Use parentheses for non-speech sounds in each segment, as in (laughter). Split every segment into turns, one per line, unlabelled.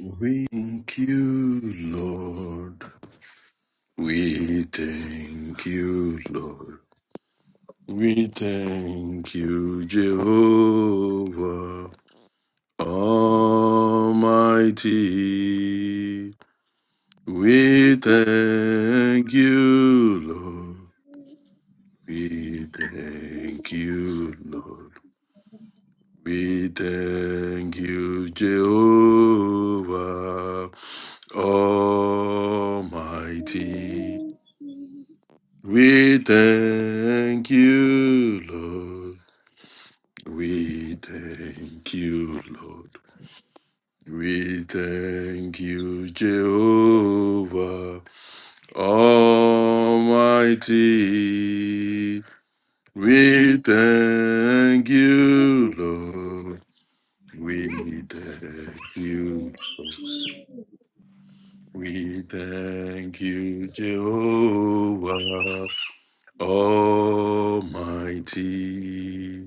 We thank you, Lord. We thank you, Lord. We thank you, Jehovah Almighty.
What
We thank you, Lord.
a
We thank you, Lord. We thank you, Jehovah Almighty. We thank you, Lord. We thank you, Lord. We thank you, Jehovah Almighty. We thank you, Lord. We thank you, Lord. We thank you, Jehovah Almighty.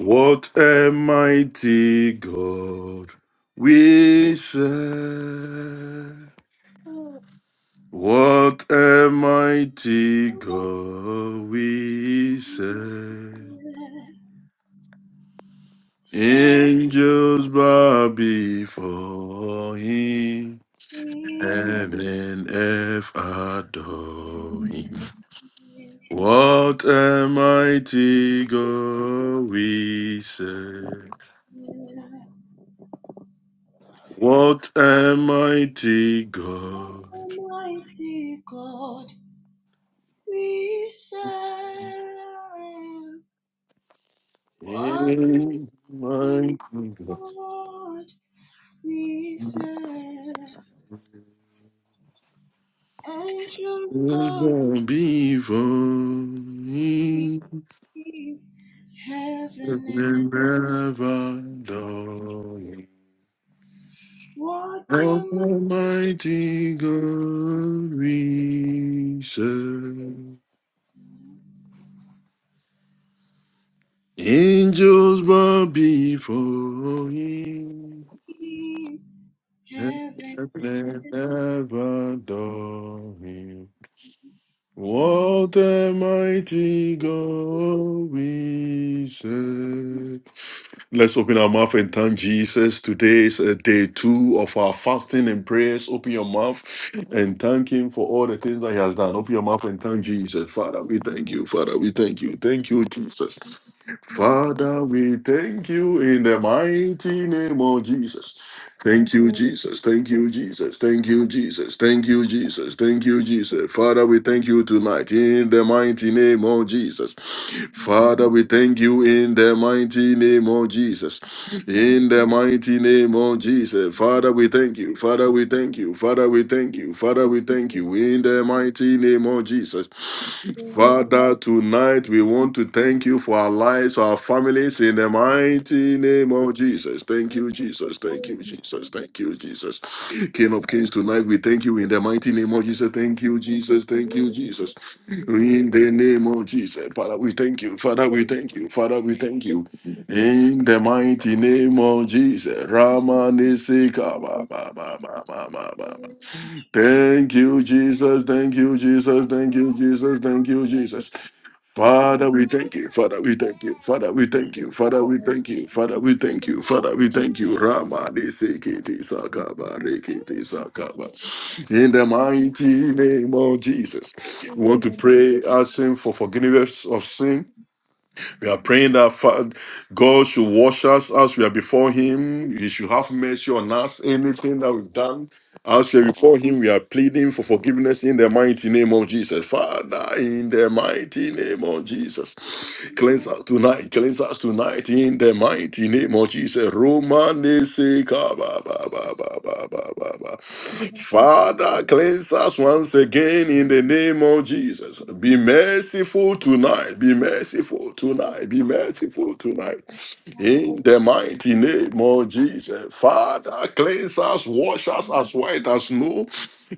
What a mighty God we serve. What a mighty God we serve. Angels bow before him. Heaven and earth adore him. What a mighty God we serve. What a mighty God.
mighty God we serve. What
In my kingdom,
a mighty God we serve. Angels
there's
bow
gonna be for me
Heaven and earth.
never die.
What
Of
a
Almighty God, we serve. Angels bow before Him, and
Heaven
they never adore him. What a mighty God we serve. Let's open our mouth and thank Jesus. Today is uh, day two of our fasting and prayers. Open your mouth and thank Him for all the things that He has done. Open your mouth and thank Jesus. Father, we thank you. Father, we thank you. Thank you, Jesus.
and
Father, we thank you in the mighty name of Jesus. Thank you, Jesus. Thank you, Jesus. Thank you, Jesus. Thank you, Jesus. Thank you, Jesus. Father, we thank you tonight in the mighty name of Jesus. Father, we thank you in the mighty name of Jesus. In the mighty name of Jesus. Father, we thank you. Father, we thank you. Father, we thank you. Father, we thank you in the mighty name of Jesus. Father, tonight we want to thank you for our lives, our families, in the mighty name of Jesus. Thank you, Jesus. Thank you, Jesus. Thank you, Jesus. King of Kings, tonight we thank you in the mighty name of Jesus. Thank you, Jesus. Thank you, Jesus. In the name of Jesus. Father, we thank you. Father, we thank you. Father, we thank you. In the mighty name of Jesus. Rama Nisika. Thank you, Jesus. Thank you, Jesus. Thank you, Jesus. Thank you, Jesus. Father, we thank you. Father, we thank you. Father, we thank you. Father, we thank you. Father, we thank you. Father, we thank you. Rama de Sekiti Sakaba, Rekiti Sakaba. In the mighty name of Jesus, we want to pray,
earth.
asking for forgiveness of sin. We are praying that Fa- God should wash us as we are before Him. He should have mercy on us. Anything that we've done I'll say before him, we are pleading for forgiveness in the mighty name of Jesus. Father, in the mighty name of Jesus. Cleanse us tonight. Cleanse us tonight in the mighty name of Jesus. Romane seka ba ba ba ba ba ba ba ba. Father, cleanse us once again in the name of Jesus. Be merciful tonight. Be merciful tonight. Be merciful tonight. In the mighty name of Jesus, Father, cleanse us, wash us as white as snow.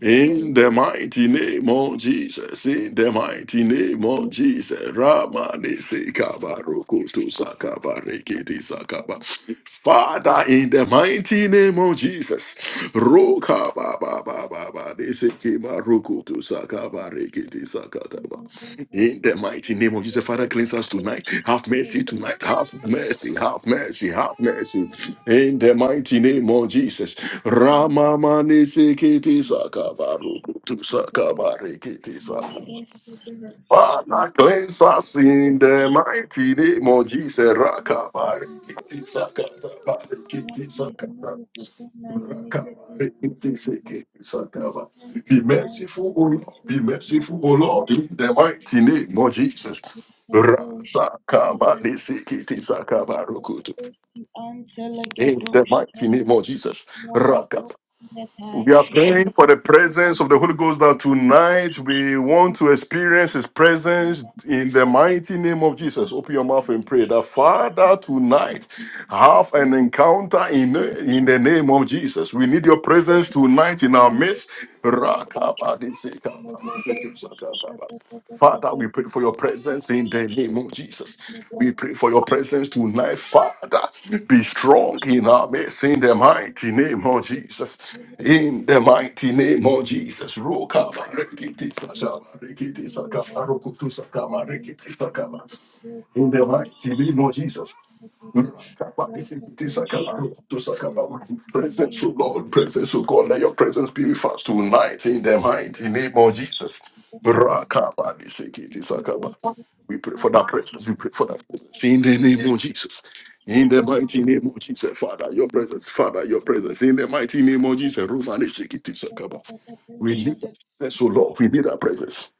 In the mighty name of Jesus, in the mighty name of Jesus, Ramani Sekabarokoto Sakabarekiti Sakaba. Father, in the mighty name of Jesus, Roka Baba Baba Baba
Thank
Sekabarokoto Sakabarekiti Sakataba. In the mighty name of Jesus, Father, cleanse us tonight. Have mercy tonight. Have mercy. Have mercy. Have mercy. In the mighty name of Jesus. Rama mani sekiti sakabaruku tu sakabarikiti sa. Father, cleanse us in the mighty name of Jesus. Rakabari,
you.
kiti sakata, bari, kiti sakata,
Abapfayinani bakabona iniquities
rakabari, kiti
medieval
seki,
with
sakaba.
them
Be
nine
merciful, O Lord.
nations
Be merciful, O Lord, in the mighty name of Jesus.
Kadosh
Rasakabani, seki, sakaba, sakabarukutu.
Imakadoski
In the
Antelegadosh
mighty name of Jesus.
Rabadok Natai
We are praying for the presence of the Holy Ghost that tonight we want to experience His presence in the mighty name of Jesus. Open your mouth and pray that Father tonight have an encounter in, in the name of Jesus. We need your presence tonight in our
a
midst. Rakabadisikaba. Father, we pray for your presence in the name of Jesus. We pray for your presence tonight, Father. Be strong in our midst in the mighty name of Jesus. In the mighty name of Jesus. Roka barikiti sakama rikiti sakama rokutu sakama rikiti sakama. In the mighty name of Jesus. Presence, O Lord, presence, O God, let your presence be with us tonight in the mighty name of Jesus.
But
We pray for
first,
that presence, we pray for that
you have
presence
to
in the
search
name of Jesus. In
the
the
product
mighty name of Jesus, Father,
In
your presence, Father, your presence, in the mighty name of Jesus,
the
we need that
that
presence, O Lord, we need that presence.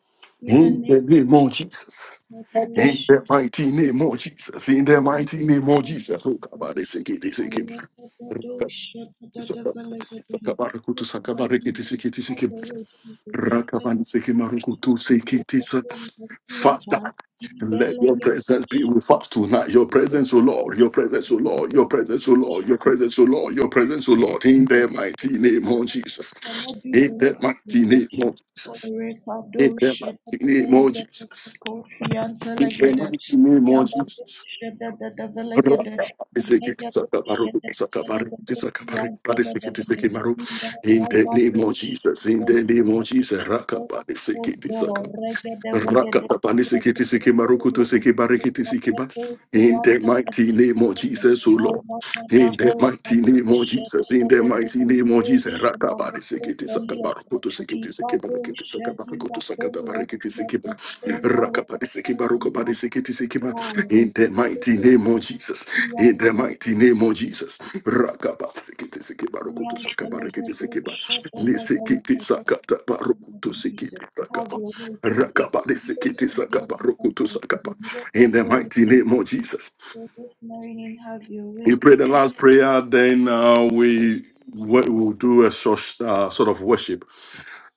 in a
In the
name
name of Jesus.
that
In
is
that mighty name more Jesus? in that mighty name more Jesus? Oh, come on, they say it, they say
I
it.
have a to shut that of a leg at the head. Take
Sakabarukutu
my
sakabarekiti
hand,
sikiti
out
sikim
the way, Jesus. Let
rakaban sikimarukutu
the
sikiti sak.
Lord of the
Father,
time. He
let your
beleged
presence be with us tonight. Your presence, O Lord, your presence, O Lord, your presence, O Lord, your presence, O Lord, your presence, O Lord, in the mighty name of Jesus.
cannot do
In the
anything
mighty
without
name
you.
of Jesus.
Orekado
In the
sheda
mighty name of
velegede
Jesus.
kofianta
In the
legede
mighty name of
yabate
Jesus.
sheda de
In the
velegede regede sheda velegede fianta de velegede
name
iragado
of Jesus, in
sheda
the name of Jesus,
velegede
Rakabadi
kodo
Sikiti
regede vegede yabate shedda de
Rakapapanisikitisikimarikitisikepa. In the
kofiantede
mighty name
Oh,
of Jesus, O
go
Lord.
wherever we
In
are,
the mighty
Lord.
name of
This
Jesus.
is
In the
what
mighty name of Jesus. Rakapanisikitisikamarukutusikitisikimarikitisakamarikutusakatamarikitisikipa. Rakapanisikimarikitisikepa. In the mighty name of Jesus. In the
we are
mighty name of Jesus. Rakapanisikitisikamarukutusakamarikitisikipa. Nisikitisikatamarikutusikitisikapa. Rakaba de sekete sakaba rokoto sakaba. In the mighty name of Jesus.
going have your
You
way.
pray the last prayer, then uh, we we will do a short uh, sort of worship.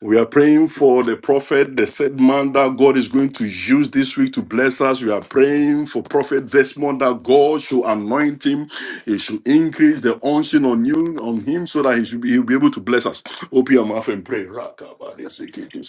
We are praying for the prophet, the said man that God is going to use this week to bless us. We are praying for prophet Desmond that God should anoint him. He should increase the unction on you, on him, so that he should be, he'll be able to bless us. Open your mouth and pray.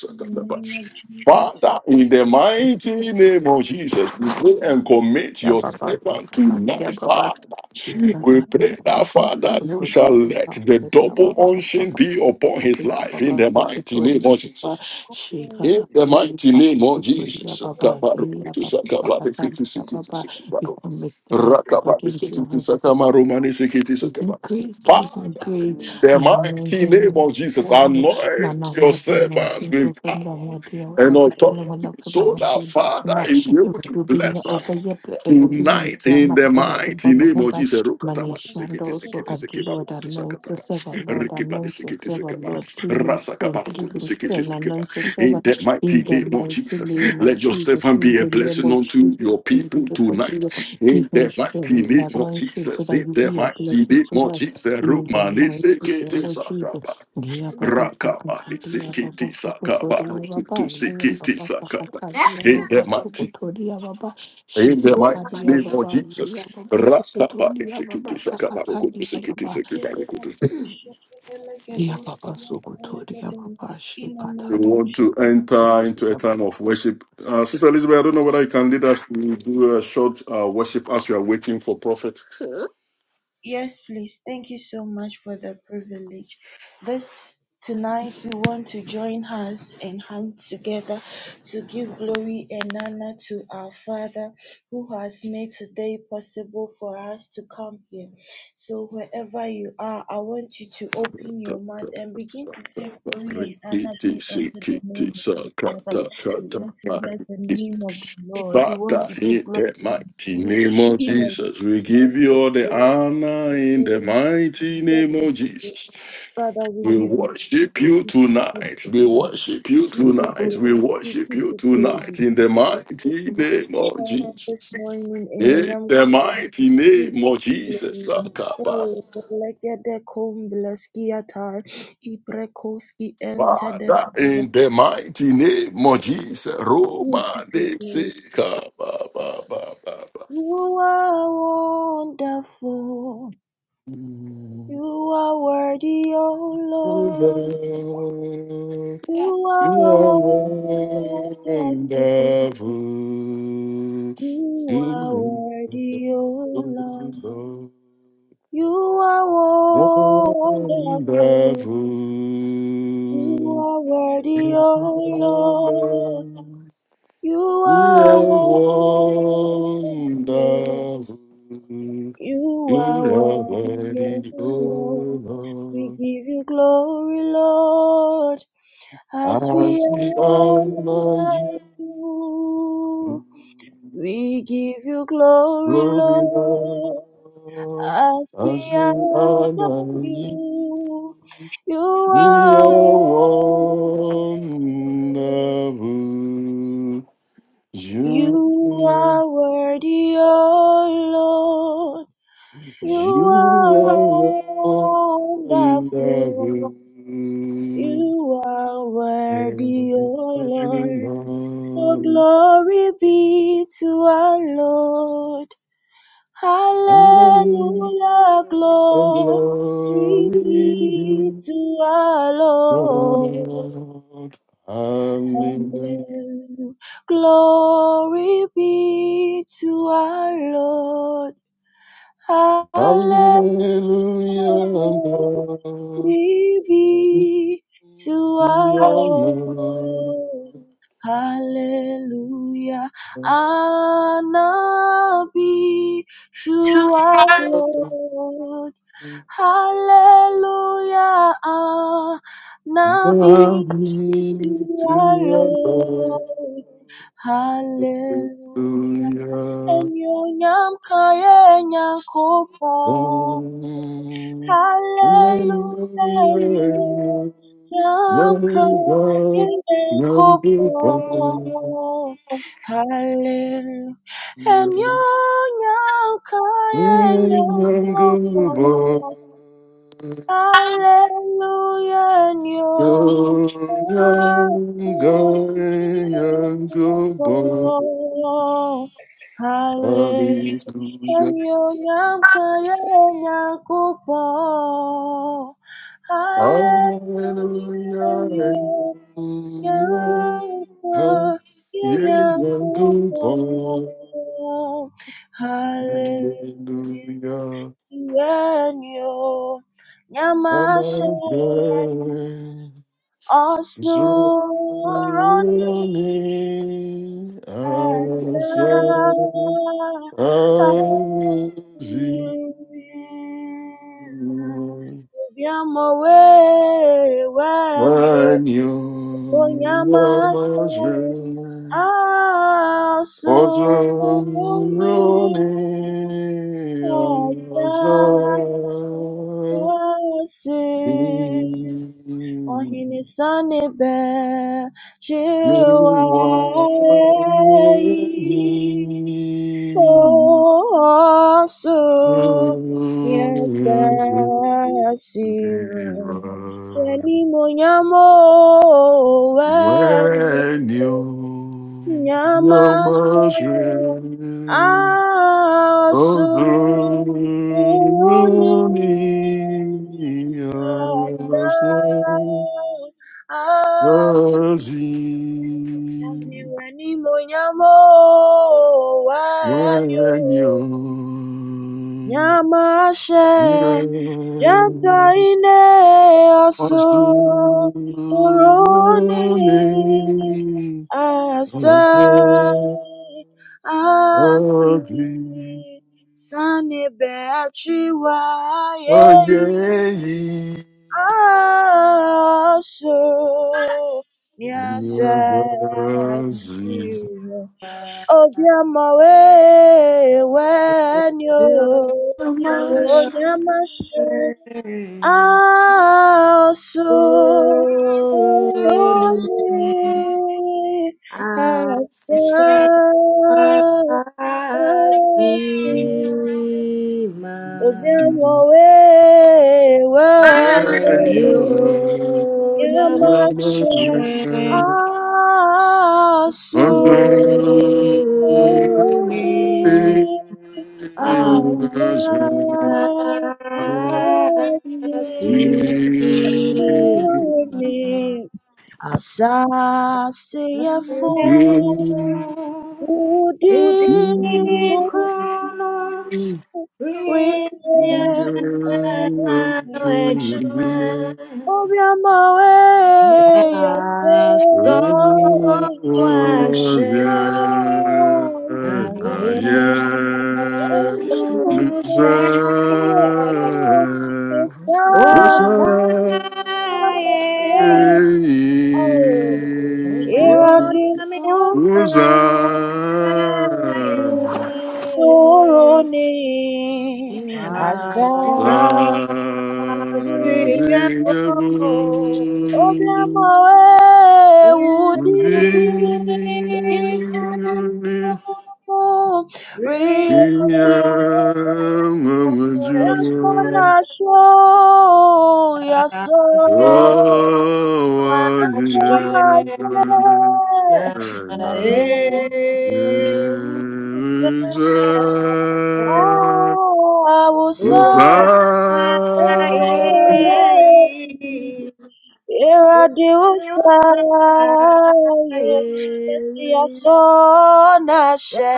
In the name of Jesus,
Father,
Father,
in the mighty name of Jesus, we
we
pray
thank you
and commit
Yeah,
your
Baba,
servant
for
Baba, yeah,
tonight,
the
Baba.
Father.
She's a
blessing
We
of
yeah,
the
pray that,
Baba.
Lord. We
Father, you
Supertory,
shall
yeah,
let
Baba,
the
yeah,
thank
double
Baba,
unction
Baba,
be
you
upon his
yeah,
life in
Baba,
the mighty
Supertory,
name
yeah,
of Jesus.
Baba. She
for the
got
In
a
the
yeah,
strength,
mighty
Baba,
name of
Supertory, yeah,
Jesus.
O
Baba,
Kabaru,
God,
yeah,
kutu,
Baba,
sakabaru,
Sakatan,
kutu,
yeah,
sikutu,
Baba.
sikutu.
You can make the man
blessed.
of
Rakaba
God into your
sikiti
hands,
satama
God,
romani sikiti
Give him
satama.
may
grace,
we
give him
finish
Father,
grace.
on
in
the
the
I know
mighty
him
name
as
of
the
Jesus,
one man
anoint
of
your
what the
of
man
servants
so so
with power
from
the
the
Holy
what the
and
Spirit.
already from the one
authority
of from my
so
one to
that
be
Father
now.
is
It
able to
will be near
bless
over
us
your play, it will be in
tonight
the
in
man
the
over the
mighty
born of
name
home
of
by
Jesus. Rukatama
Manish
the
and
sikiti
also
sikiti
at the
sikeba
Lord,
rukutu
the
anoint
sakatama.
yourself, our Lord,
Rikiba de
anoint
sikiti
yourself, our
sikeba.
Lord, give him
Rasakaba
strength, give
rukutu
him
sikiti
strength,
sikeba.
anoint
In
yourself
the
in
mighty
the
name of
mighty
Jesus,
name of
let your
Jesus,
servant
in
be a
the name
blessing
of
unto
Jesus,
your
in the
people
name of Jesus.
tonight.
Give
In
him
Mm.
the mighty
strength,
name of
anoint him so
Jesus,
that
in
you
the
be a
mighty
blessing
name
to
of
us
Jesus,
in the
Rumani
mighty
Sekete
name of
Sakaba,
Jesus. Dear
Like
Baba
Rakamani
Sakata, dear Baba
Sekete
Sokoto,
Sakaba,
dear
Rukutu
Baba, dear Baba
Sekete Sakaba,
Sakata, dear
in the
Baba
mighty
Sokoto, dear Baba
in the
Shikipa,
mighty
dear
name of
Baba,
Jesus,
dear Baba Sokoto,
Rakaba
dear
Sekete
Baba
Sakaba,
Sakata,
Rukutu
dear
Sekete
Baba,
Sakaba, Rukutu.
a
dear
dose,
Baba Sokoto,
like a
dear
do
Baba
In the
You
Shikata,
name of
want to
Jesus.
enter into
dear
a time of worship. Uh,
Baba.
Sister Elizabeth, I don't know whether you can lead us to do a short uh, worship as we are waiting for prophet.
Yes, please. Thank you so much for the privilege. This tonight we want to join hands and hands together to give glory and honor to our Father who has made today possible for us to come here. So wherever you are, I want you to open your mouth and begin to say glory and honor
Rikiti
be unto the
sikiti
name of our Father.
sakata
We
kata
want to bless the
pariki.
name of the Lord. We want
Father,
to give
in
glory
the
to
mighty
Him.
name of
Him
Jesus, we give you all the
alone
honor in
we
the mighty
get
name
to
of
be
Jesus.
Father, we
We
give you praise.
worship you
We give you
tonight. We
praise.
worship you
We give you
tonight.
praise.
We
We
worship
give
you
you
tonight
praise.
in the
We give you
mighty
praise.
name of
Father, this
Jesus.
morning in
In
your name,
the
we
mighty
give
name of
you
Jesus.
praise. Oh, the legede cum blesciata, ibrekoski entered.
Father,
We
in the mighty name of Jesus,
give
Roma
you
de
praise.
Seca, ba, ba, ba, ba, ba.
You are wonderful. You are worthy, O
You are
Lord. You are worthy. of praise.
wonderful.
You are
You are
worthy, O Lord.
wonderful.
You are wonderful. You are worthy, O Lord.
Wonderful.
You
You
are
are
wonderful.
wonderful.
You
You
are
are
worthy, O
worthy, O
Lord. We
Lord.
give you glory, Lord, as we
As we honor you,
honor you. We give you glory,
glory,
Lord,
Lord.
as we
As we
honor
honor you,
you. You
you
are
are
worthy.
wonderful.
You
You
are worthy, oh Lord.
You
You are
alone are
wonderful.
everyone,
You are
and
worthy, oh Lord. The glory be to our Lord.
then
Hallelujah,
glory
glory be to our Lord. Hallelujah. Glory be to our Lord.
God. Hallelujah,
Hallelujah,
hallelujah, God.
glory be to our
We honor
Lord. Hallelujah, honor be to our Lord. Hallelujah, ah,
Love
Nabi
me to your
Lord. Hallelujah,
Hallelujah.
and Yonyam Kayenya Kopa.
Amen.
Hallelujah, and
Hallelujah.
Yonyam
Lord God,
Kayenya
young
Kopa.
people, young
Hallelujah, and Yonyam Kayenya Kopa. Hallelujah, and your mercy is
people.
Hallelujah,
Hallelujah.
and your name, Kaya, and Yakupo. Hallelujah,
Hallelujah.
and your
Hallelujah.
name,
Come,
Kaya,
ye
and
young good boy.
Hallelujah
Hallelujah.
yenyu
Come
nyamashe
again. Draw
osuroni
me
ata
outside. Unseen.
asira biamo we wenyu
When you're wanyo
nyamashe
yamazre. Ozuruni
osuroni
azadi
Ohene sanebe
diwani
jiwayi
azadi.
oso yasasira. Weni
When
monyamo weni
you, your
Nyamashe
must
asu oni ata asi ohiwe ni mo nyamo wa nyamashe Yantaine aso oroni asai asi sani beachiwa yei aso niasai obiamawe wenyo onyama also Moroni
Again,
asante
Asima
Thank
obiamowe wanyo
Mama,
you.
Yeah,
are
yamashe asu Holy are thou, Lord, Holy
Oh,
Asaseyafo Udifo Rinye
the one.
Obiamawe
Let
Yase Obiamawe, Ìrọ̀dì
Óyame, oh
Mọ́sẹ̀ sòro
Israel,
ni
I
àṣà
hasta
say.
sí
siempre.
obi ọmọ
Y
ewu dí.
rico,
Uzan,
Rí
Father, we
rico,
Yasanasho, yaso, yasanashe,
hasta Na
yeah.
e
Oh, I will say, oh, yeah.
usaye,
Here I do
usaye,
say,
usaye,
yeah. Yes, yasanashe,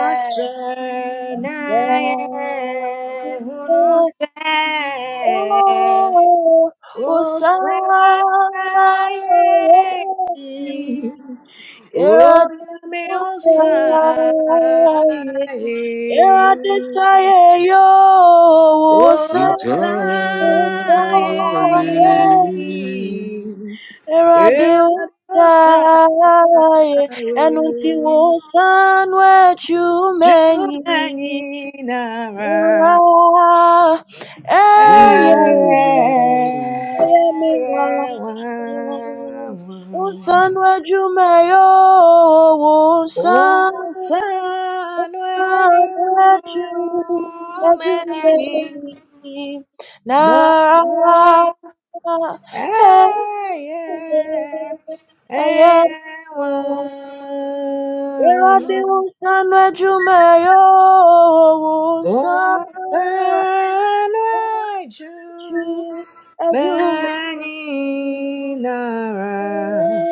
yeah. Oh, oh,
Oh,
sorry.
Zion.
Era
Oh,
de
Yahweh, oh, Zion.
era de saye yo, oh,
Oh,
sorry.
Zion.
Era de
Yahweh, oh, Zion.
osaye, enunti osan wetu meni. Era,
Junaninara. Eh,
eh,
eh,
yeah.
eh, eh, wah,
Unsan
wah.
wajumayo, unsan
Ocean when you
waju,
many
wajumayi.
love.
me
Nara, hey,
Hey, yeah.
hey,
Hey, yeah.
Where are the
Wow.
unsan wajumayo, unsan
Ocean when
waju,
you
wajumayi.
many love.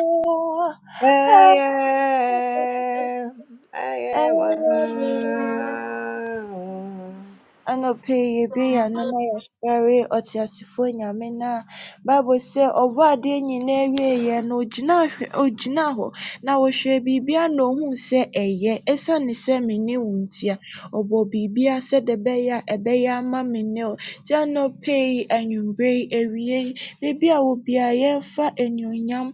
Hey, yeah. Hey, yeah. Wow.
Anɔpa yi yɛbue yɛn ano na yɛasɔre ɔteasefoɔ Nyame no a Bible sɛ ɔbɔɔ adeɛ nyinaa wieeɛ no ogyinaa hwɛ ogyinaa hɔ na ɔhwɛɛ biribiara na ohuu sɛ ɛyɛ. Esiane sɛ menni wo nti a, ɔbɔɔ biribiara sɛdeɛ ɛbɛyɛ ama me nnɛ o. Gyannɔpɛ yi, anwummerɛ yi, I will be a ɛwɔ biara yɛmfa animuonyam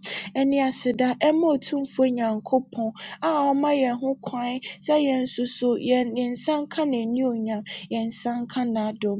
ne aseda mma Otumfoɔ Onyankopɔn copon. ɔma yɛn ho kwan sɛ yɛn nso so yɛn yɛn nsa nka n'animuonyam, yɛn nsa nka n'adom.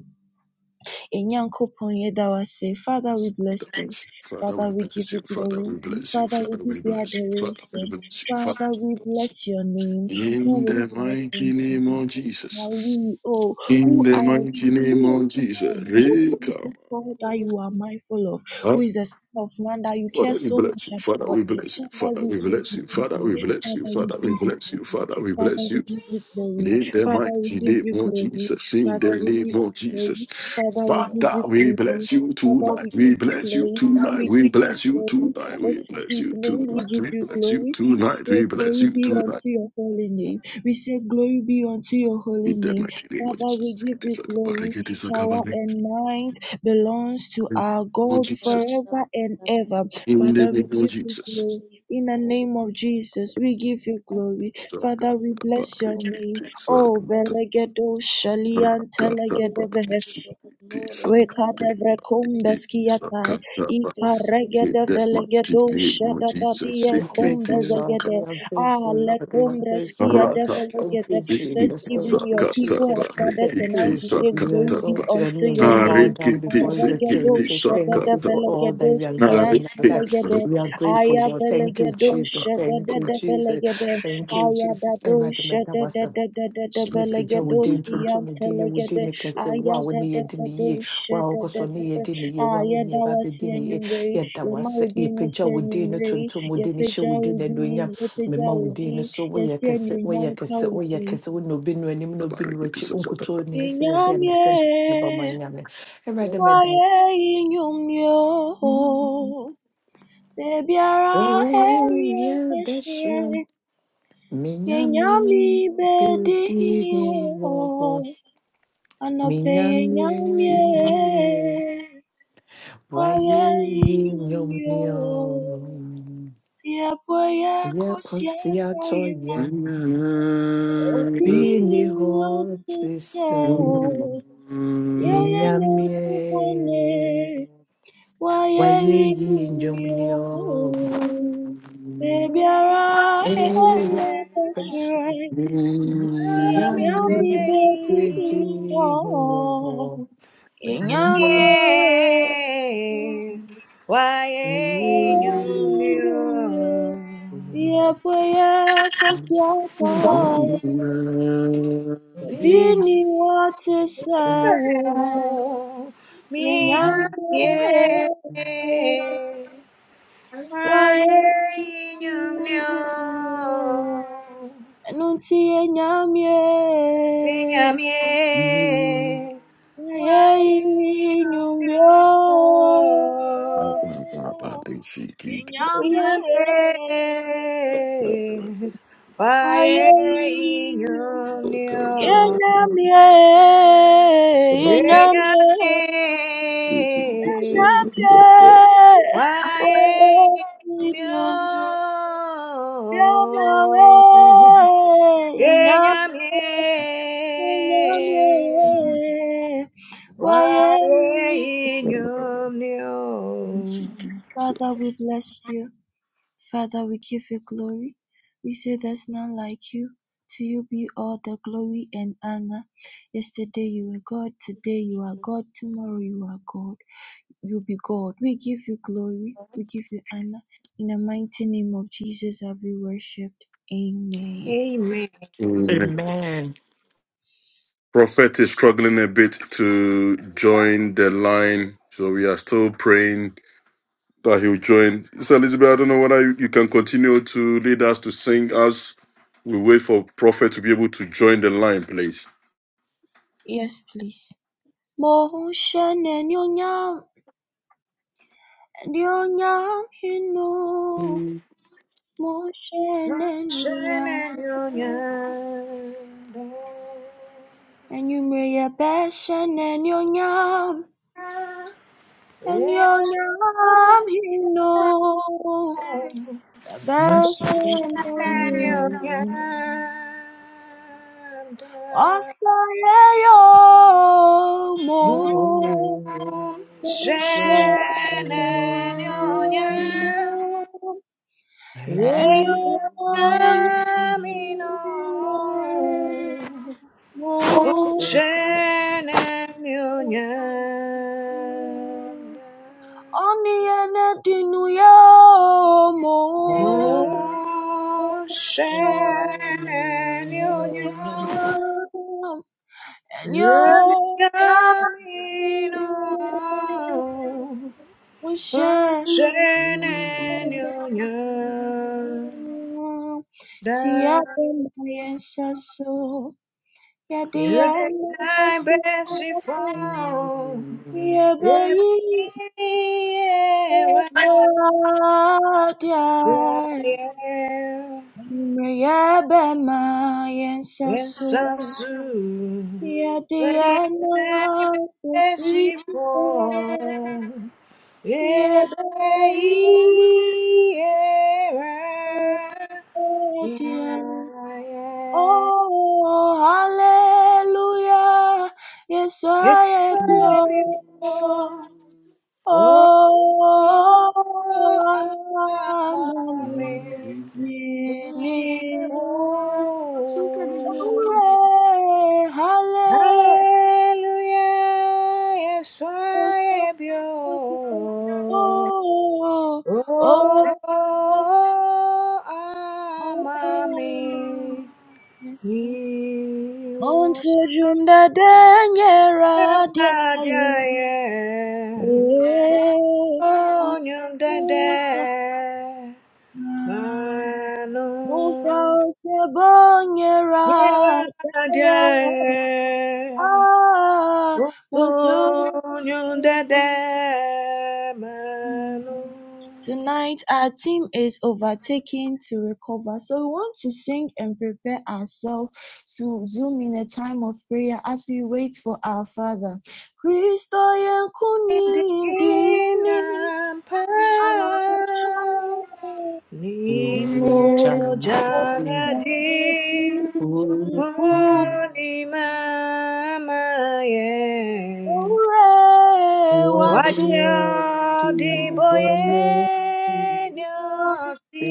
Enyankopon Yedawa say, Father, we bless you. Father, we give
bless you.
you
Father, we
glory.
bless you.
Father,
Father,
we give
we
you
bless you. Father, we
adoration.
bless you. Father,
Father,
we
we
bless you.
bless your name.
In
Who is
the
like
mighty
unto
name
you?
of
Who Are
Jesus.
we, oh,
In
who
the
are we?
mighty name
Who is
of Jesus.
man? Who is man
Rekam.
God that you are
see.
mindful of?
Huh?
Like,
Who is the son of man that you care
Father, we
so
bless
much
you. Father,
about?
we bless you.
you
Father,
can do it,
Father,
you can
we
we
give
bless
you
you. Father,
glory.
do
we
it,
bless you.
Father, we
Father, we
give you
bless you.
glory.
Father, we
Father,
bless
we
you.
give you glory.
In the
Father, we
mighty
give
name
you
of
glory.
Jesus. In
Father,
the
we give
name of
you glory.
Jesus.
Father, we give
Father,
you
we
glory.
bless you
Father, we
tonight. We
give you
bless you
glory.
tonight.
We
We
give you
bless you
glory.
tonight. We
This
bless you
evening, we
tonight.
give
We
you
bless you
glory. We
tonight. We
say,
bless
Glory
you
be unto
tonight.
your
like,
holy name.
like,
We say,
like,
Glory be unto your holy
In the
name.
mighty name of
Father, we
Jesus.
give you
you
glory.
can
Power and
kind of
might belongs to
In the
our
name of
God
kind of
Jesus.
forever
develop
and
that one
ever.
from a
In the
Father,
kind of stuff, like,
we
name of
give you
Jesus.
so
glory.
you can
In the
follow the
name of Jesus, we give
Jesus,
you glory.
like,
Saka
Father,
you
we
can kind of
bless your
walk with it,
name.
Parikiti
Oh,
like,
Sakata
you can
Velegedo
achieve it,
Shalian
Rakata
you can
Telegedeve.
figure
Parikiti
it out, like, no, there's none like
Sakata
you, it's different,
Parikiti
like,
Rekadevrekumbeskiatai,
things that you
Sakata
don't
In
do,
the
you can
mighty
just have to
name of Jesus.
Ikaregedevelegedoshadabadia
We are
do,
Sikiti
grateful,
you
Lord.
Sakata
kumbezegede,
We
don't
are
have to
grateful, Lord. We are
you don't
grateful, Lord.
Rakata
have
Thank
to
Alekumbreskiyadevlegede.
you,
you don't have to
This
Sikiti
Jesus.
you
Thank
evening,
you,
your
Sakata
people
Jesus.
have gathered
Thank
Parikiti
tonight
you.
to say,
We
Glory be
exalt your
unto
name. We
your
bow
name.
down before your throne. We
Sikiti
say thank you
Sakata
for all that you have done
Parikiti
in our life.
Aregedoshadadevelegedoskiyantelegede,
We are grateful, Lord. Thank
don't have
you,
to
Jesus. Thank you, Jesus.
Ayavelegedoshadadadevlegede,
Thank you, Jesus mepagya wo din
Sakata
tontom wo din yɛ wo
Ayadadoshadadadadadevelegedoskiyantelegede.
din ne kɛse wo a wo ne yɛde ne yie wo a wokɔ
that
so ne
Ayadadadadosha-dadadada.
yɛde ne yie wo a wo ne yɛba bɛdi ne yie
Ayadawasianyumrei.
yɛda wase yɛpagya wo din no
Yamaudinosianyumrei.
tontom wo din no hyɛ wo din no
Yepejaudi,
anuonyam mema
we
wo
love
din
yepejaudi.
no so woyɛ
you, we
kɛse
bless you,
woyɛ kɛse woyɛ
Yesianyunyamkaudi.
kɛse wo na obi no anim na obi no akyi wonkuto
we
ne ɛsɛ yɛde
Inyamye,
anasɛ nka ne ba ma nyame ɛwurade
worship
mɛda wo
you,
waye inyumyo. Ebiara erie
Reyɛ
eshie.
bɛhyerɛm menyame
Yenyami bedi
bɛdi hen
iniwo.
wɔ
Anope
Minyamye,
yenyamye. Yeah.
wayiyi nyomnyo. Ye konsiato ye, bini ho trisel. Minyamye, wayiyi nyomnyo.
Yeah.
Eye peshi, minyamye, beji nyomnyo. Minyamye,
Tiakweye kosiataye,
wayiyi
bini watisawo, yenyange waye. Enunti yenyamye,
Vinyame
ye
Waino
inyumbyo.
Vinyame
Yenyamye
Waino Vinyame
waye.
Waino
Yenyamye, yenyamye, yenyamye, wowe inyumbu y'amawe, yenyamye, yenyamye,
Vinyame
waye.
Wale inyomnio.
Father, we bless you. Father, we give you glory. We say there's none like you. To you be all the glory and honor. Yesterday you were God,
we
today you
thank
are
you,
God, tomorrow you are God. You'll be God. We give you glory. We give you honor. In the mighty name of Jesus have we worshipped. Amen.
Amen.
Amen.
Amen.
Prophet is struggling a bit to join the line, so we are still praying that he'll join. So, Elizabeth, I don't know whether you you can continue to lead us to sing as we wait for Prophet to be able to join the line, please.
Yes, please. Moshene nyonyam, nyonyam hino. Moshene
Shana nyonya.
nyonyam. And you may your best and your yam and your
Yeah.
yam you know
Shana
your best
Much-
and you
nyonya.
also yo mo
Mum Shenanyonya
and your
Yenyamino
more
Shannon Union.
Oniene di nuyomo.
we
Shannon Union.
And
Union,
yo, yeah,
thank you.
we share.
Shannon Union.
See, I've
That
been my answer, so yeah, the
you did
end
thy best before.
yeah, baby, yeah,
I am.
Maya Bema
it's
Yensasu
so soon. But in
Yadiana
my best report, yeah, but yeah, yeah,
Oh Hallelujah Yes
it's
I am
so
your
beautiful, Oh, oh, oh, oh,
Oh
oh, oh,
Mini
oh, oh.
Hallelujah
Hallelujah, yes, I am
Oh,
yours.
oh,
Oh,
oh, oh
amami, you
Onto jumda denye radia
are
yo.
the
Eh,
Oh, you dede,
Mufa
manu,
ose bonye
you
radia.
are
Ah, Muntu
Uzunyu dada manu
Tonight, our theme is overtaking to recover. So, we want to sing and prepare ourselves to zoom in a time of prayer as we wait for our Father. Kristo yenkuni ndini
Indinam
acha
pau Nino
mo
jagadi
yafeti iku
Punimamaye
ore
Thank
wachi
Vajra diboye Nyati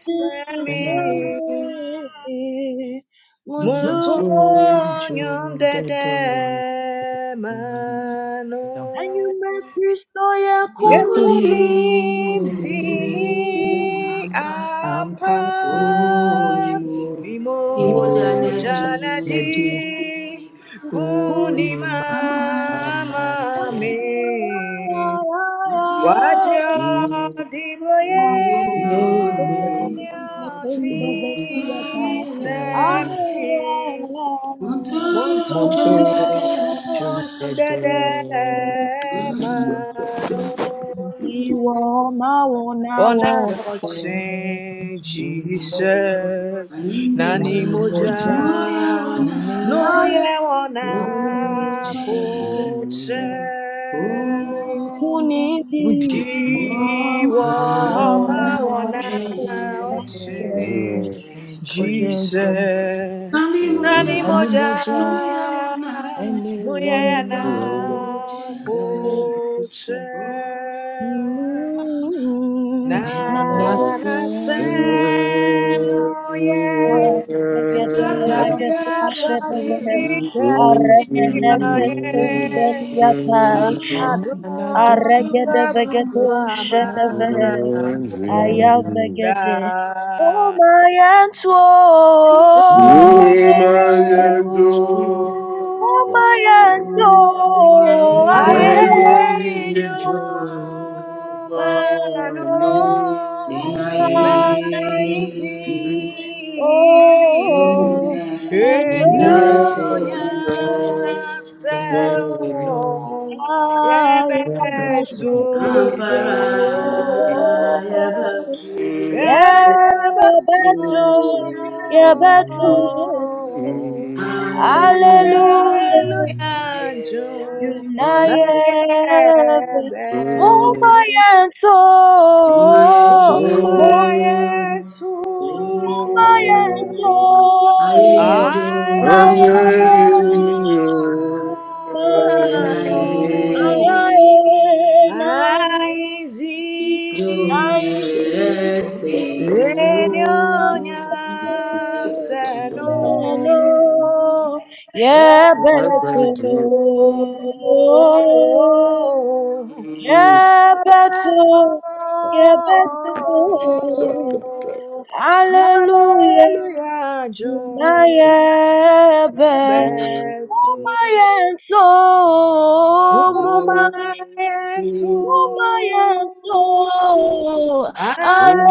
slami Monzogno de de mano
Kristo yakuni
Yankole
Yankunim
dile yine
zihi
ampa o nimo
ampa
onimo imoja
Nimo
neji
janadi
kunima amaya
kunimama
you.
me
adioti
Wajya divoye
enyote
nyati
sami
semi
unto jondada
Montojo
Buongiorno
de
Kunidi
dede
de ma
mano
manon. Buona
Dema,
voce Jesus.
Jesus,
Animoja
Nani
Mani Moja,
no
moja.
yaona
Noi
Nina
e ona
kuche
Boja,
kuche.
o
Udi,
Jiwa
wamaona
Wonya,
mawana
wote
Wonya,
oche
Jesus.
and Kristo,
Jise
Animoja
nani
Mani
moja
no
Moja,
yaona
Ene Wonya, na
(laughs)
akuche
muyana
bolo
kote
je
o nana
na
na na
Mano
na
se.
ampano.
nasem
Ayavagade.
Echa
Shall
padre
be
kasema
and see my youth.
Ye
na na
manadom
na do
sabu
not
swama
lose no war
onina
Eda
Oh my aunt,
Will
no more
oh
my
into
ransom.
my,
jo
oh my aunt, oh
oaijo
Areño
mano
ma
mano
no
denaye
I am
me
naisi
Oh,
jomune
and
yo
enyo
your
seno.
grace
ya se
nyapsano
no
I
we are
am but
ebetsu
breaking
you.
ampara yabatu.
Yeah,
yeah, that's
the you. Yeah, but you.
all.
Hallelujah.
Hallelujah.
Hallelujah,
Naye,
June. Now,
Yunayev.
yeah, that's
Mumba
all.
naye to.
Oh, my,
move.
yeah,
my
too.
Oh, aye
soul.
ijo
I
I
worship
mano.
adore my
Denaye.
you. I
Lord.
am
I
ninety,
Jomne
see.
ninety.
se
Thank you.
no.
I Thank you.
Renyonyam
Ebetu.
seno
Channel, yeah, better,
rabatso
yeah,
rabatso
better, yeah, better. Hallelujah.
Hallelujah jo
Junaye
rabatso
Umayenso muma
my answer,
umayenso
I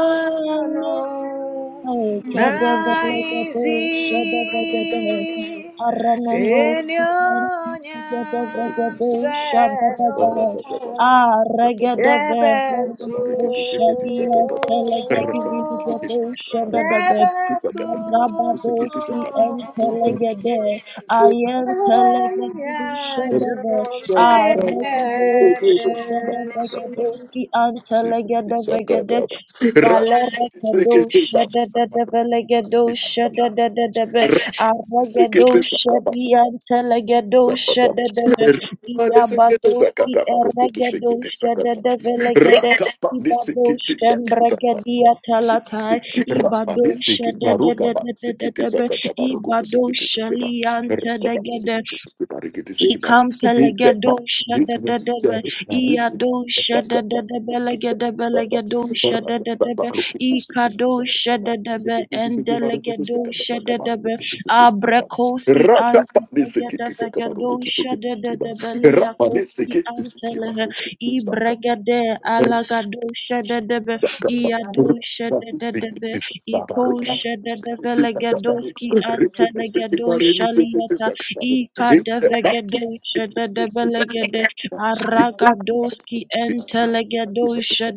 ayesu
mano
Oh,
naizi
Kadavagadoo, Shadavagadoo, Aramanos,
enyonyam
Kadavagadoo,
sedo
Shadavagadoo, Aragadave,
gebetu
Mamanos, Shadia, Telegadivigadoo, Shadadave,
gebetu
Rabadoski,
Rakata
and Telegade, I am Telegadoo,
Hallelujah,
Shadave,
jo mere
Aragadoo,
bechini,
Shadadavagadooski, and Telegadavagade, Balerekedo shedededebelegedo
Sakata.
shedededebe arregedo shediantelegedo
Sakata.
shededebe
Remaneskete
diabadoski
sakata. Marokoto
erregedo
shekete sakata.
shededebelegede
Rakapa
ibadosh
nisekete sakata.
kembrekedia talatai
Sekete. Rapa
ibadosh
nisekete. Marokaba sekete
shededededebe
sakata. Marokoto
ibadosh
sekete sakeba. Rakaba
sheliantedegede
sekete sakeba. Rekete sekeba. Inte mats.
Ikampelegadosha
This
da da
was
da be,
terrible. Now listen.
Iadosha da
Sakata.
da da
Marokoto sakata.
belegedebelegadosha da da
Rakapa.
da be,
Marokoto sekete
Ikadosha
sakata.
da da be,
Rakapani
Endelegadosha da da be, Abrekoski antelegadevegadosha da da da beliakoski antelehe, Ibregade alagadosha da da be, Iadosha da da da be, Ikosha da da belegadoski antelegadosha liata Ikadevegedousha dedebelegede aragadoski entelegedousha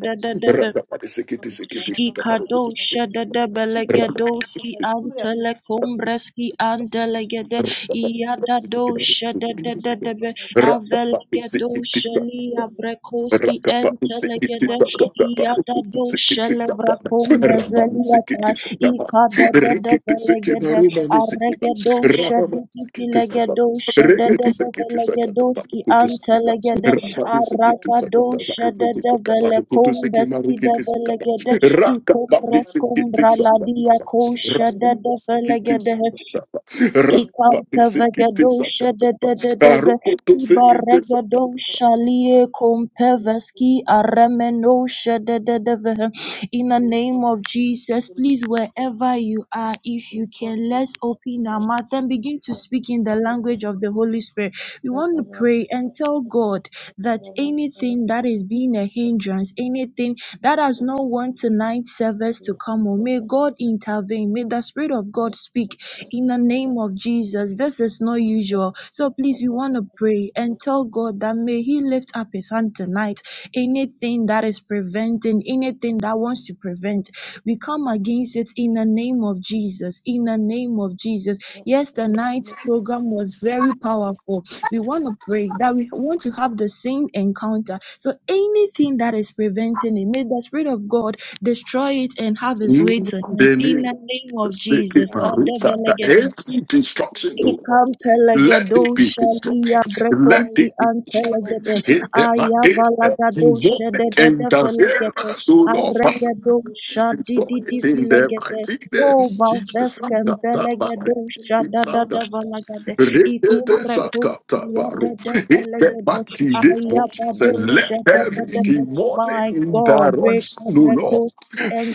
sekete sekete
Ikadosha
sekete
Dadabelegadoski Antelecombreski Antelegade Iadadosha Dadadebe Avelegadosha
Rapa
Lia Brekoski
Rakapa,
Antelegade
Rakapa,
Iadadosha Lebracombezeliata Ikadadabelegade Arregadosha Dipilegadosha Dadabelegadoski
we
Antelegade
Thank
Arakadosha Dadabelecombreski Develegade Icombra scombra la dia kosha da da velegede. Icanta vegadosha da da da da da.
Rakapa, Rakapa,
Ibarregadosha lie compeveski arremenosha da da da ve in the name of Jesus. Please, wherever you are, if you can, let's open our mouth and begin to speak in the language of the Holy Spirit. We want to pray and tell God that anything that is being a hindrance, anything that has not want tonight's service to come on, may God intervene. May the Spirit of God speak in the name of Jesus. This is not usual. So please, we want to pray
you.
and tell God that Father, may He lift up His hand tonight. Anything that is preventing, anything that wants to prevent, we come against it in the name of Jesus. In the name of Jesus.
Lord Jesus, in
Yes, the night's program was very powerful. We want to pray that we want to have the same encounter. So anything that is preventing it, may the Spirit of God destroy it and have His way tonight. In
Believe
the name
Jesus,
of
sick it,
Jesus.
my roots every destruction go off. Let
Ikampelegedo
it be destroyed.
shalia
Let
brekosi
it be
antelegede
it that my it that
ayavalagado
you want the
shededede
the
interfere.
velegede
So Lord, Father,
aregedo
we destroy
shadididi
it in the
vilegede
mighty
o
name of Jesus.
valvesken
That that that
velegedo
it's that
shadadada
that
valagade
it is that that
ikomrekosi
that
yadede
that it that
velegede
mighty name of Jesus.
ayabado
Let every
shededede
demonic
my God
interrupt. No Lord.
rekabrekosi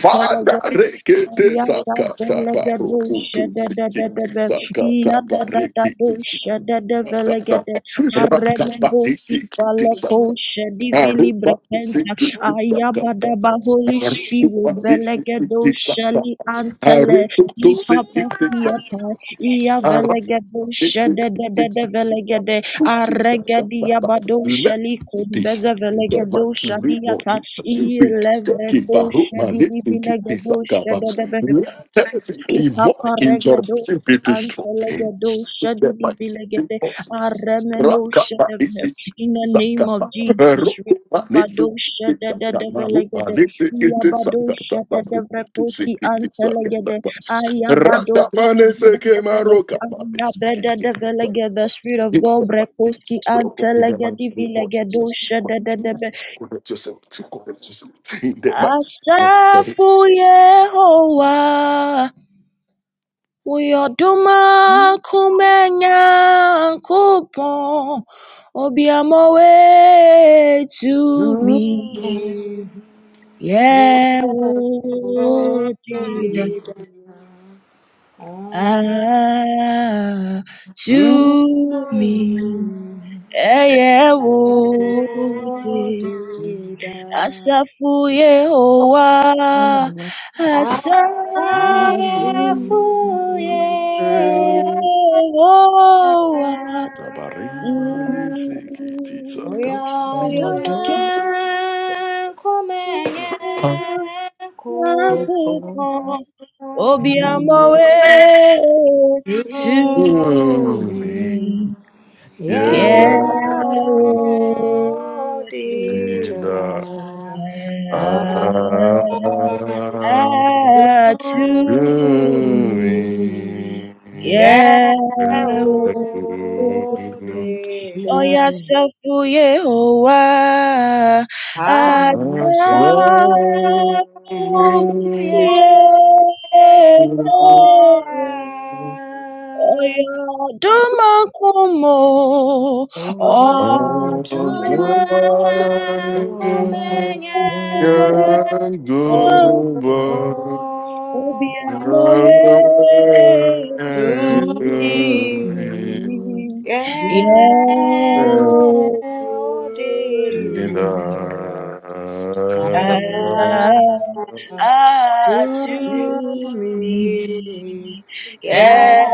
Father, rekete
Arremoboski
sakata barokutu sikiti sakata barikiti sakata rakapati sikiti
mighty
sakata
Balekosha
name
Divili
arupati
Brekenta
sikiti sakata
Ayabadaba Holy
of
Spirit
Jesus,
arupati
Velegedo
sikiti sakata
Shali Antele
aruputu sikiti
Ipapaskiata Ia
sakata
Velegedo
let
Shedede
the
Velegede Arregedi Abado Shali
dish.
Kumbeza
The
Velegedo
mighty name of
Shadiata
Jesus, you read this, keep a root,
Ilevrekoshe
man, it's in this
divilegedoshe dedebe.
Let every demonic interruption
Ipaparegedoshe
be destroyed. In
antelegedoshe
The mighty name
divilegede.
of Jesus,
Aremenoshe
Rakaba is
deve.
it,
In the name of
Sakaba,
Jesus, Rikabadoshe
in the
dedevelegede. Iabadoshe dedevrekoski antelegede. Ayabadoshe dedeve. Ayabededevelegede. The Spirit of God, Brekoski antelegede
mighty name of Jesus,
vilegedoshe
continue
dedebe.
to connect yourself, to connect yourself. In the mighty
Asafu Yehowa, Uyoduma kumenya kupon, Obiamowe to me,
mero
name
Yehudida,
of
vida,
Jesus.
ani,
ah,
Mm.
to me, Yehudida,
odida,
Asafu Yehowa,
I wanna see
Asafu.
asafu
you
ye, oya
we are
duma
done.
kumenye Show
Obi on my
Oh.
way
to
to
me.
me.
me, yeah.
You
Yeah,
Yeah.
Oh did I? Oh
ah, To
me,
me.
me, yeah,
Yeah.
yeah, Yumi, Yehodida,
Oya sefuye owa
As long
Yumi,
asefuye
Yehodida, yeah, Yehoah.
oya dumakumo o
Otome
dumakumo
kumenye kupo
will be on my way to you.
sumi ye
Yeah, Lord,
odida
be done.
ah, ah, to
sumi
me.
ye
Yeah,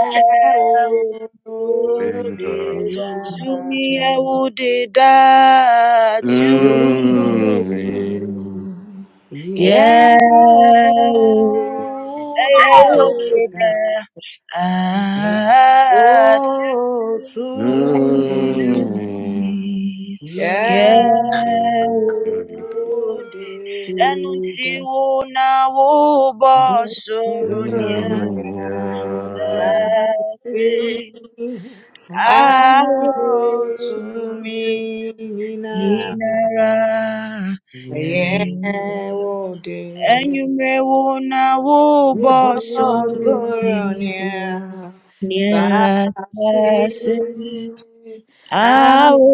Lord,
odida
to me, I would die to me.
Amen.
sumi Yeah.
Yeah, oh, I
they
will be yẹ̀wò ẹ̀yẹ̀wò gbẹ̀dà àdújú
Go to
Ẹ̀jẹ̀ wo
him.
mi
Yeah.
Yeah.
di
yẹ̀wò dé
they
ẹnu tí wo náwó bọ́
So
sọ̀rọ̀ ní
tòmìnira?
something
àfẹ́fẹ́
out to
àwòjú
me
mi
now.
náírà
Yeah,
ẹ̀yẹ̀
oh dear.
enyumewo na wo
We both
Oh, so
bọsọrọ
you,
ni
dear.
ni
So say, I
asase
yeah. ao
need
awo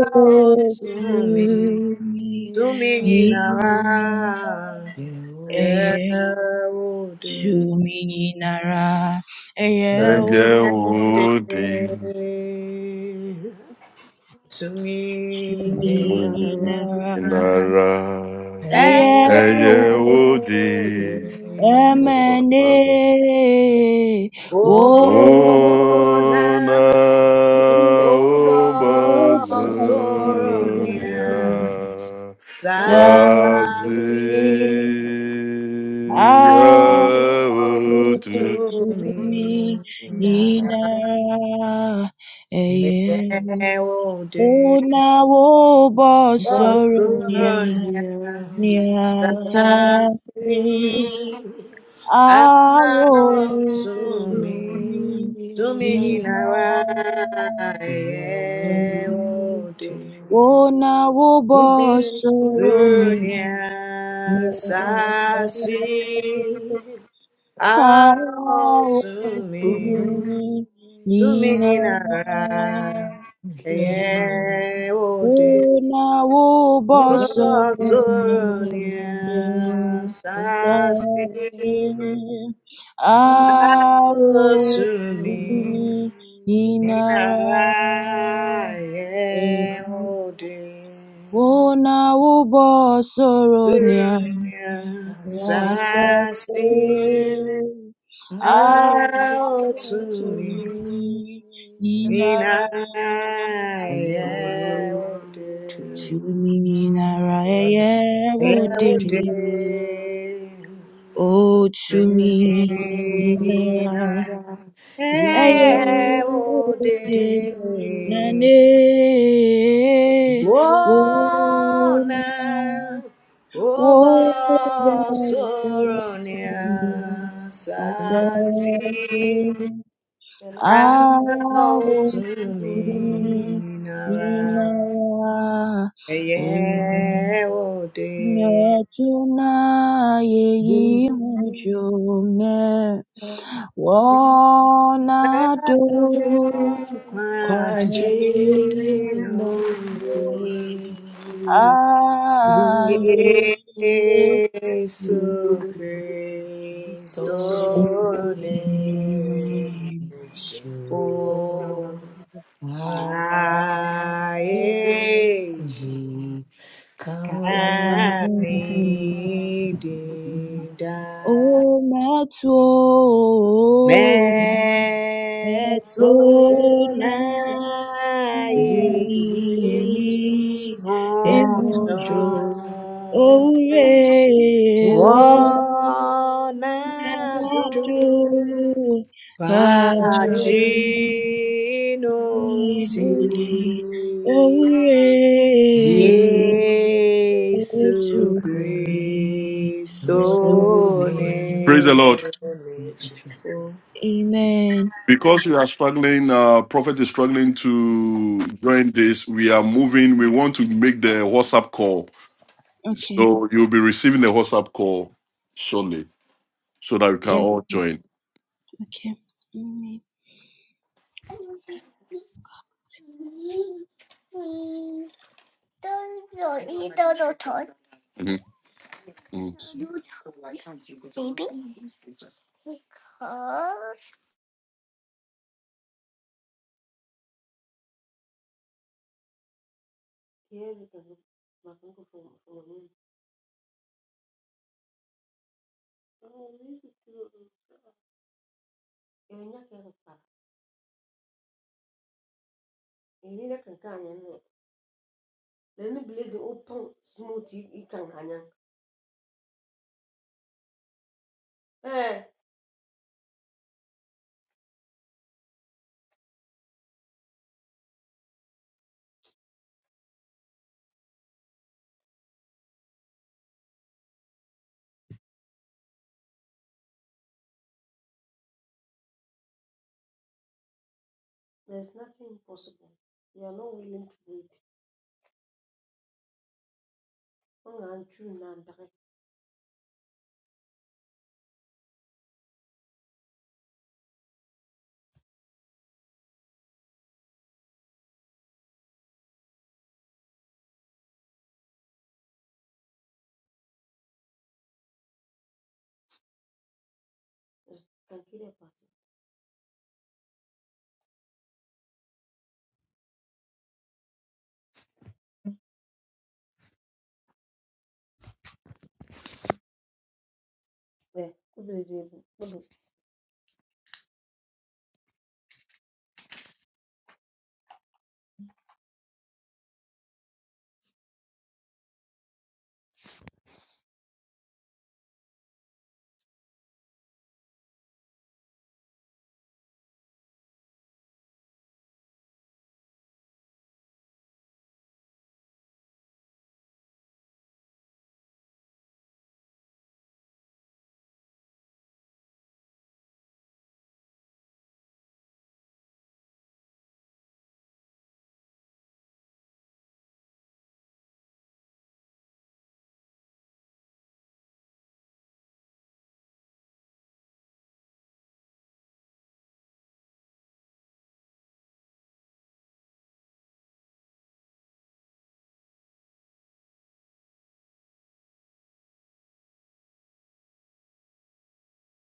to
to
me
me,
tumi
to me
now.
yina
Ninara, yeah,
Jehovah,
ẹyẹ
oh dear,
tumi yinara ẹyẹ odi
oh dear, to me,
tumi
Ninara,
yinara
eh,
ẹyẹ
Hayahu,
Ẹ̀jẹ̀
yeah,
o
wo di
oh dear.
ẹmẹne
Ona
wo.
Ona oba
obazurumia
soronya
Ubosu,
Blessed
sazi
sasi
Hallelujah
Arituina
to
to
me,
me.
Nara.
Eyeo
They will do
Una wobo
the
soro nia
soon
Bosirunia,
something
nia
Sasi,
safi awo
out
to
to me.
sumi
me,
To me,
Nara.
ina
Nina, I
Eyeo
will do.
Yehudi,
Una wobo soro
Soon,
Bosirunia,
Nina
Sasi,
Sasi, out to
to me,
me. Suminina, yeah,
Nara.
oh dear,
Yeah,
Sonia, Sasi, oh, Suminina, yeah, oh dear, Sonia,
Yes, the
Sasi,
same. I
oh,
will to
Suminina,
me, Ninara,
yeah, oh
to me, Ninara,
dear.
yeah, would
Every
it
day,
oh, to me,
every
Ninara,
night.
yeah,
Every
would
day,
Nane,
Quadrilha,
oh
oh,
now, oh boss,
oh, that's so
oh
me,
now,
I trust
Sasi,
you.
out
I will
to me,
see
Nara.
Inara
Every day,
Netuna ye june wana do aye
Jesu Cristo nemici fu ae
Amen.
cani
(laughs) Oh, my my soul,
For
Metsunae
my soul, oh Matsu, Matsu,
you,
Nai,
Honcho
for
Imunju,
Jordan,
Ore, Wa,
one
Wanadu
Matsu,
Jordan,
Pagino
Kati,
Jesus,
Ti
Inuti, Ore,
Yesu Christo
Matsu,
Ne
Praise the Lord.
Cristo,
Amen.
Because we are struggling, uh, Prophet is struggling to join this. We are moving. We want to make the WhatsApp call.
Okay.
So you'll be receiving the WhatsApp call shortly so that we can
Yes.
all
Lord.
join.
Okay. Amen.
Mhm. Mhm.
Oh. Ebe nya ke pa. Eri na kan kan yan ne. Le ni blade the open smooth i kan hanyan. Eh, there's nothing impossible. You are not willing to wait. Ong an chu na ndare. Eh, kan kire pa. Eh, ku blade bu.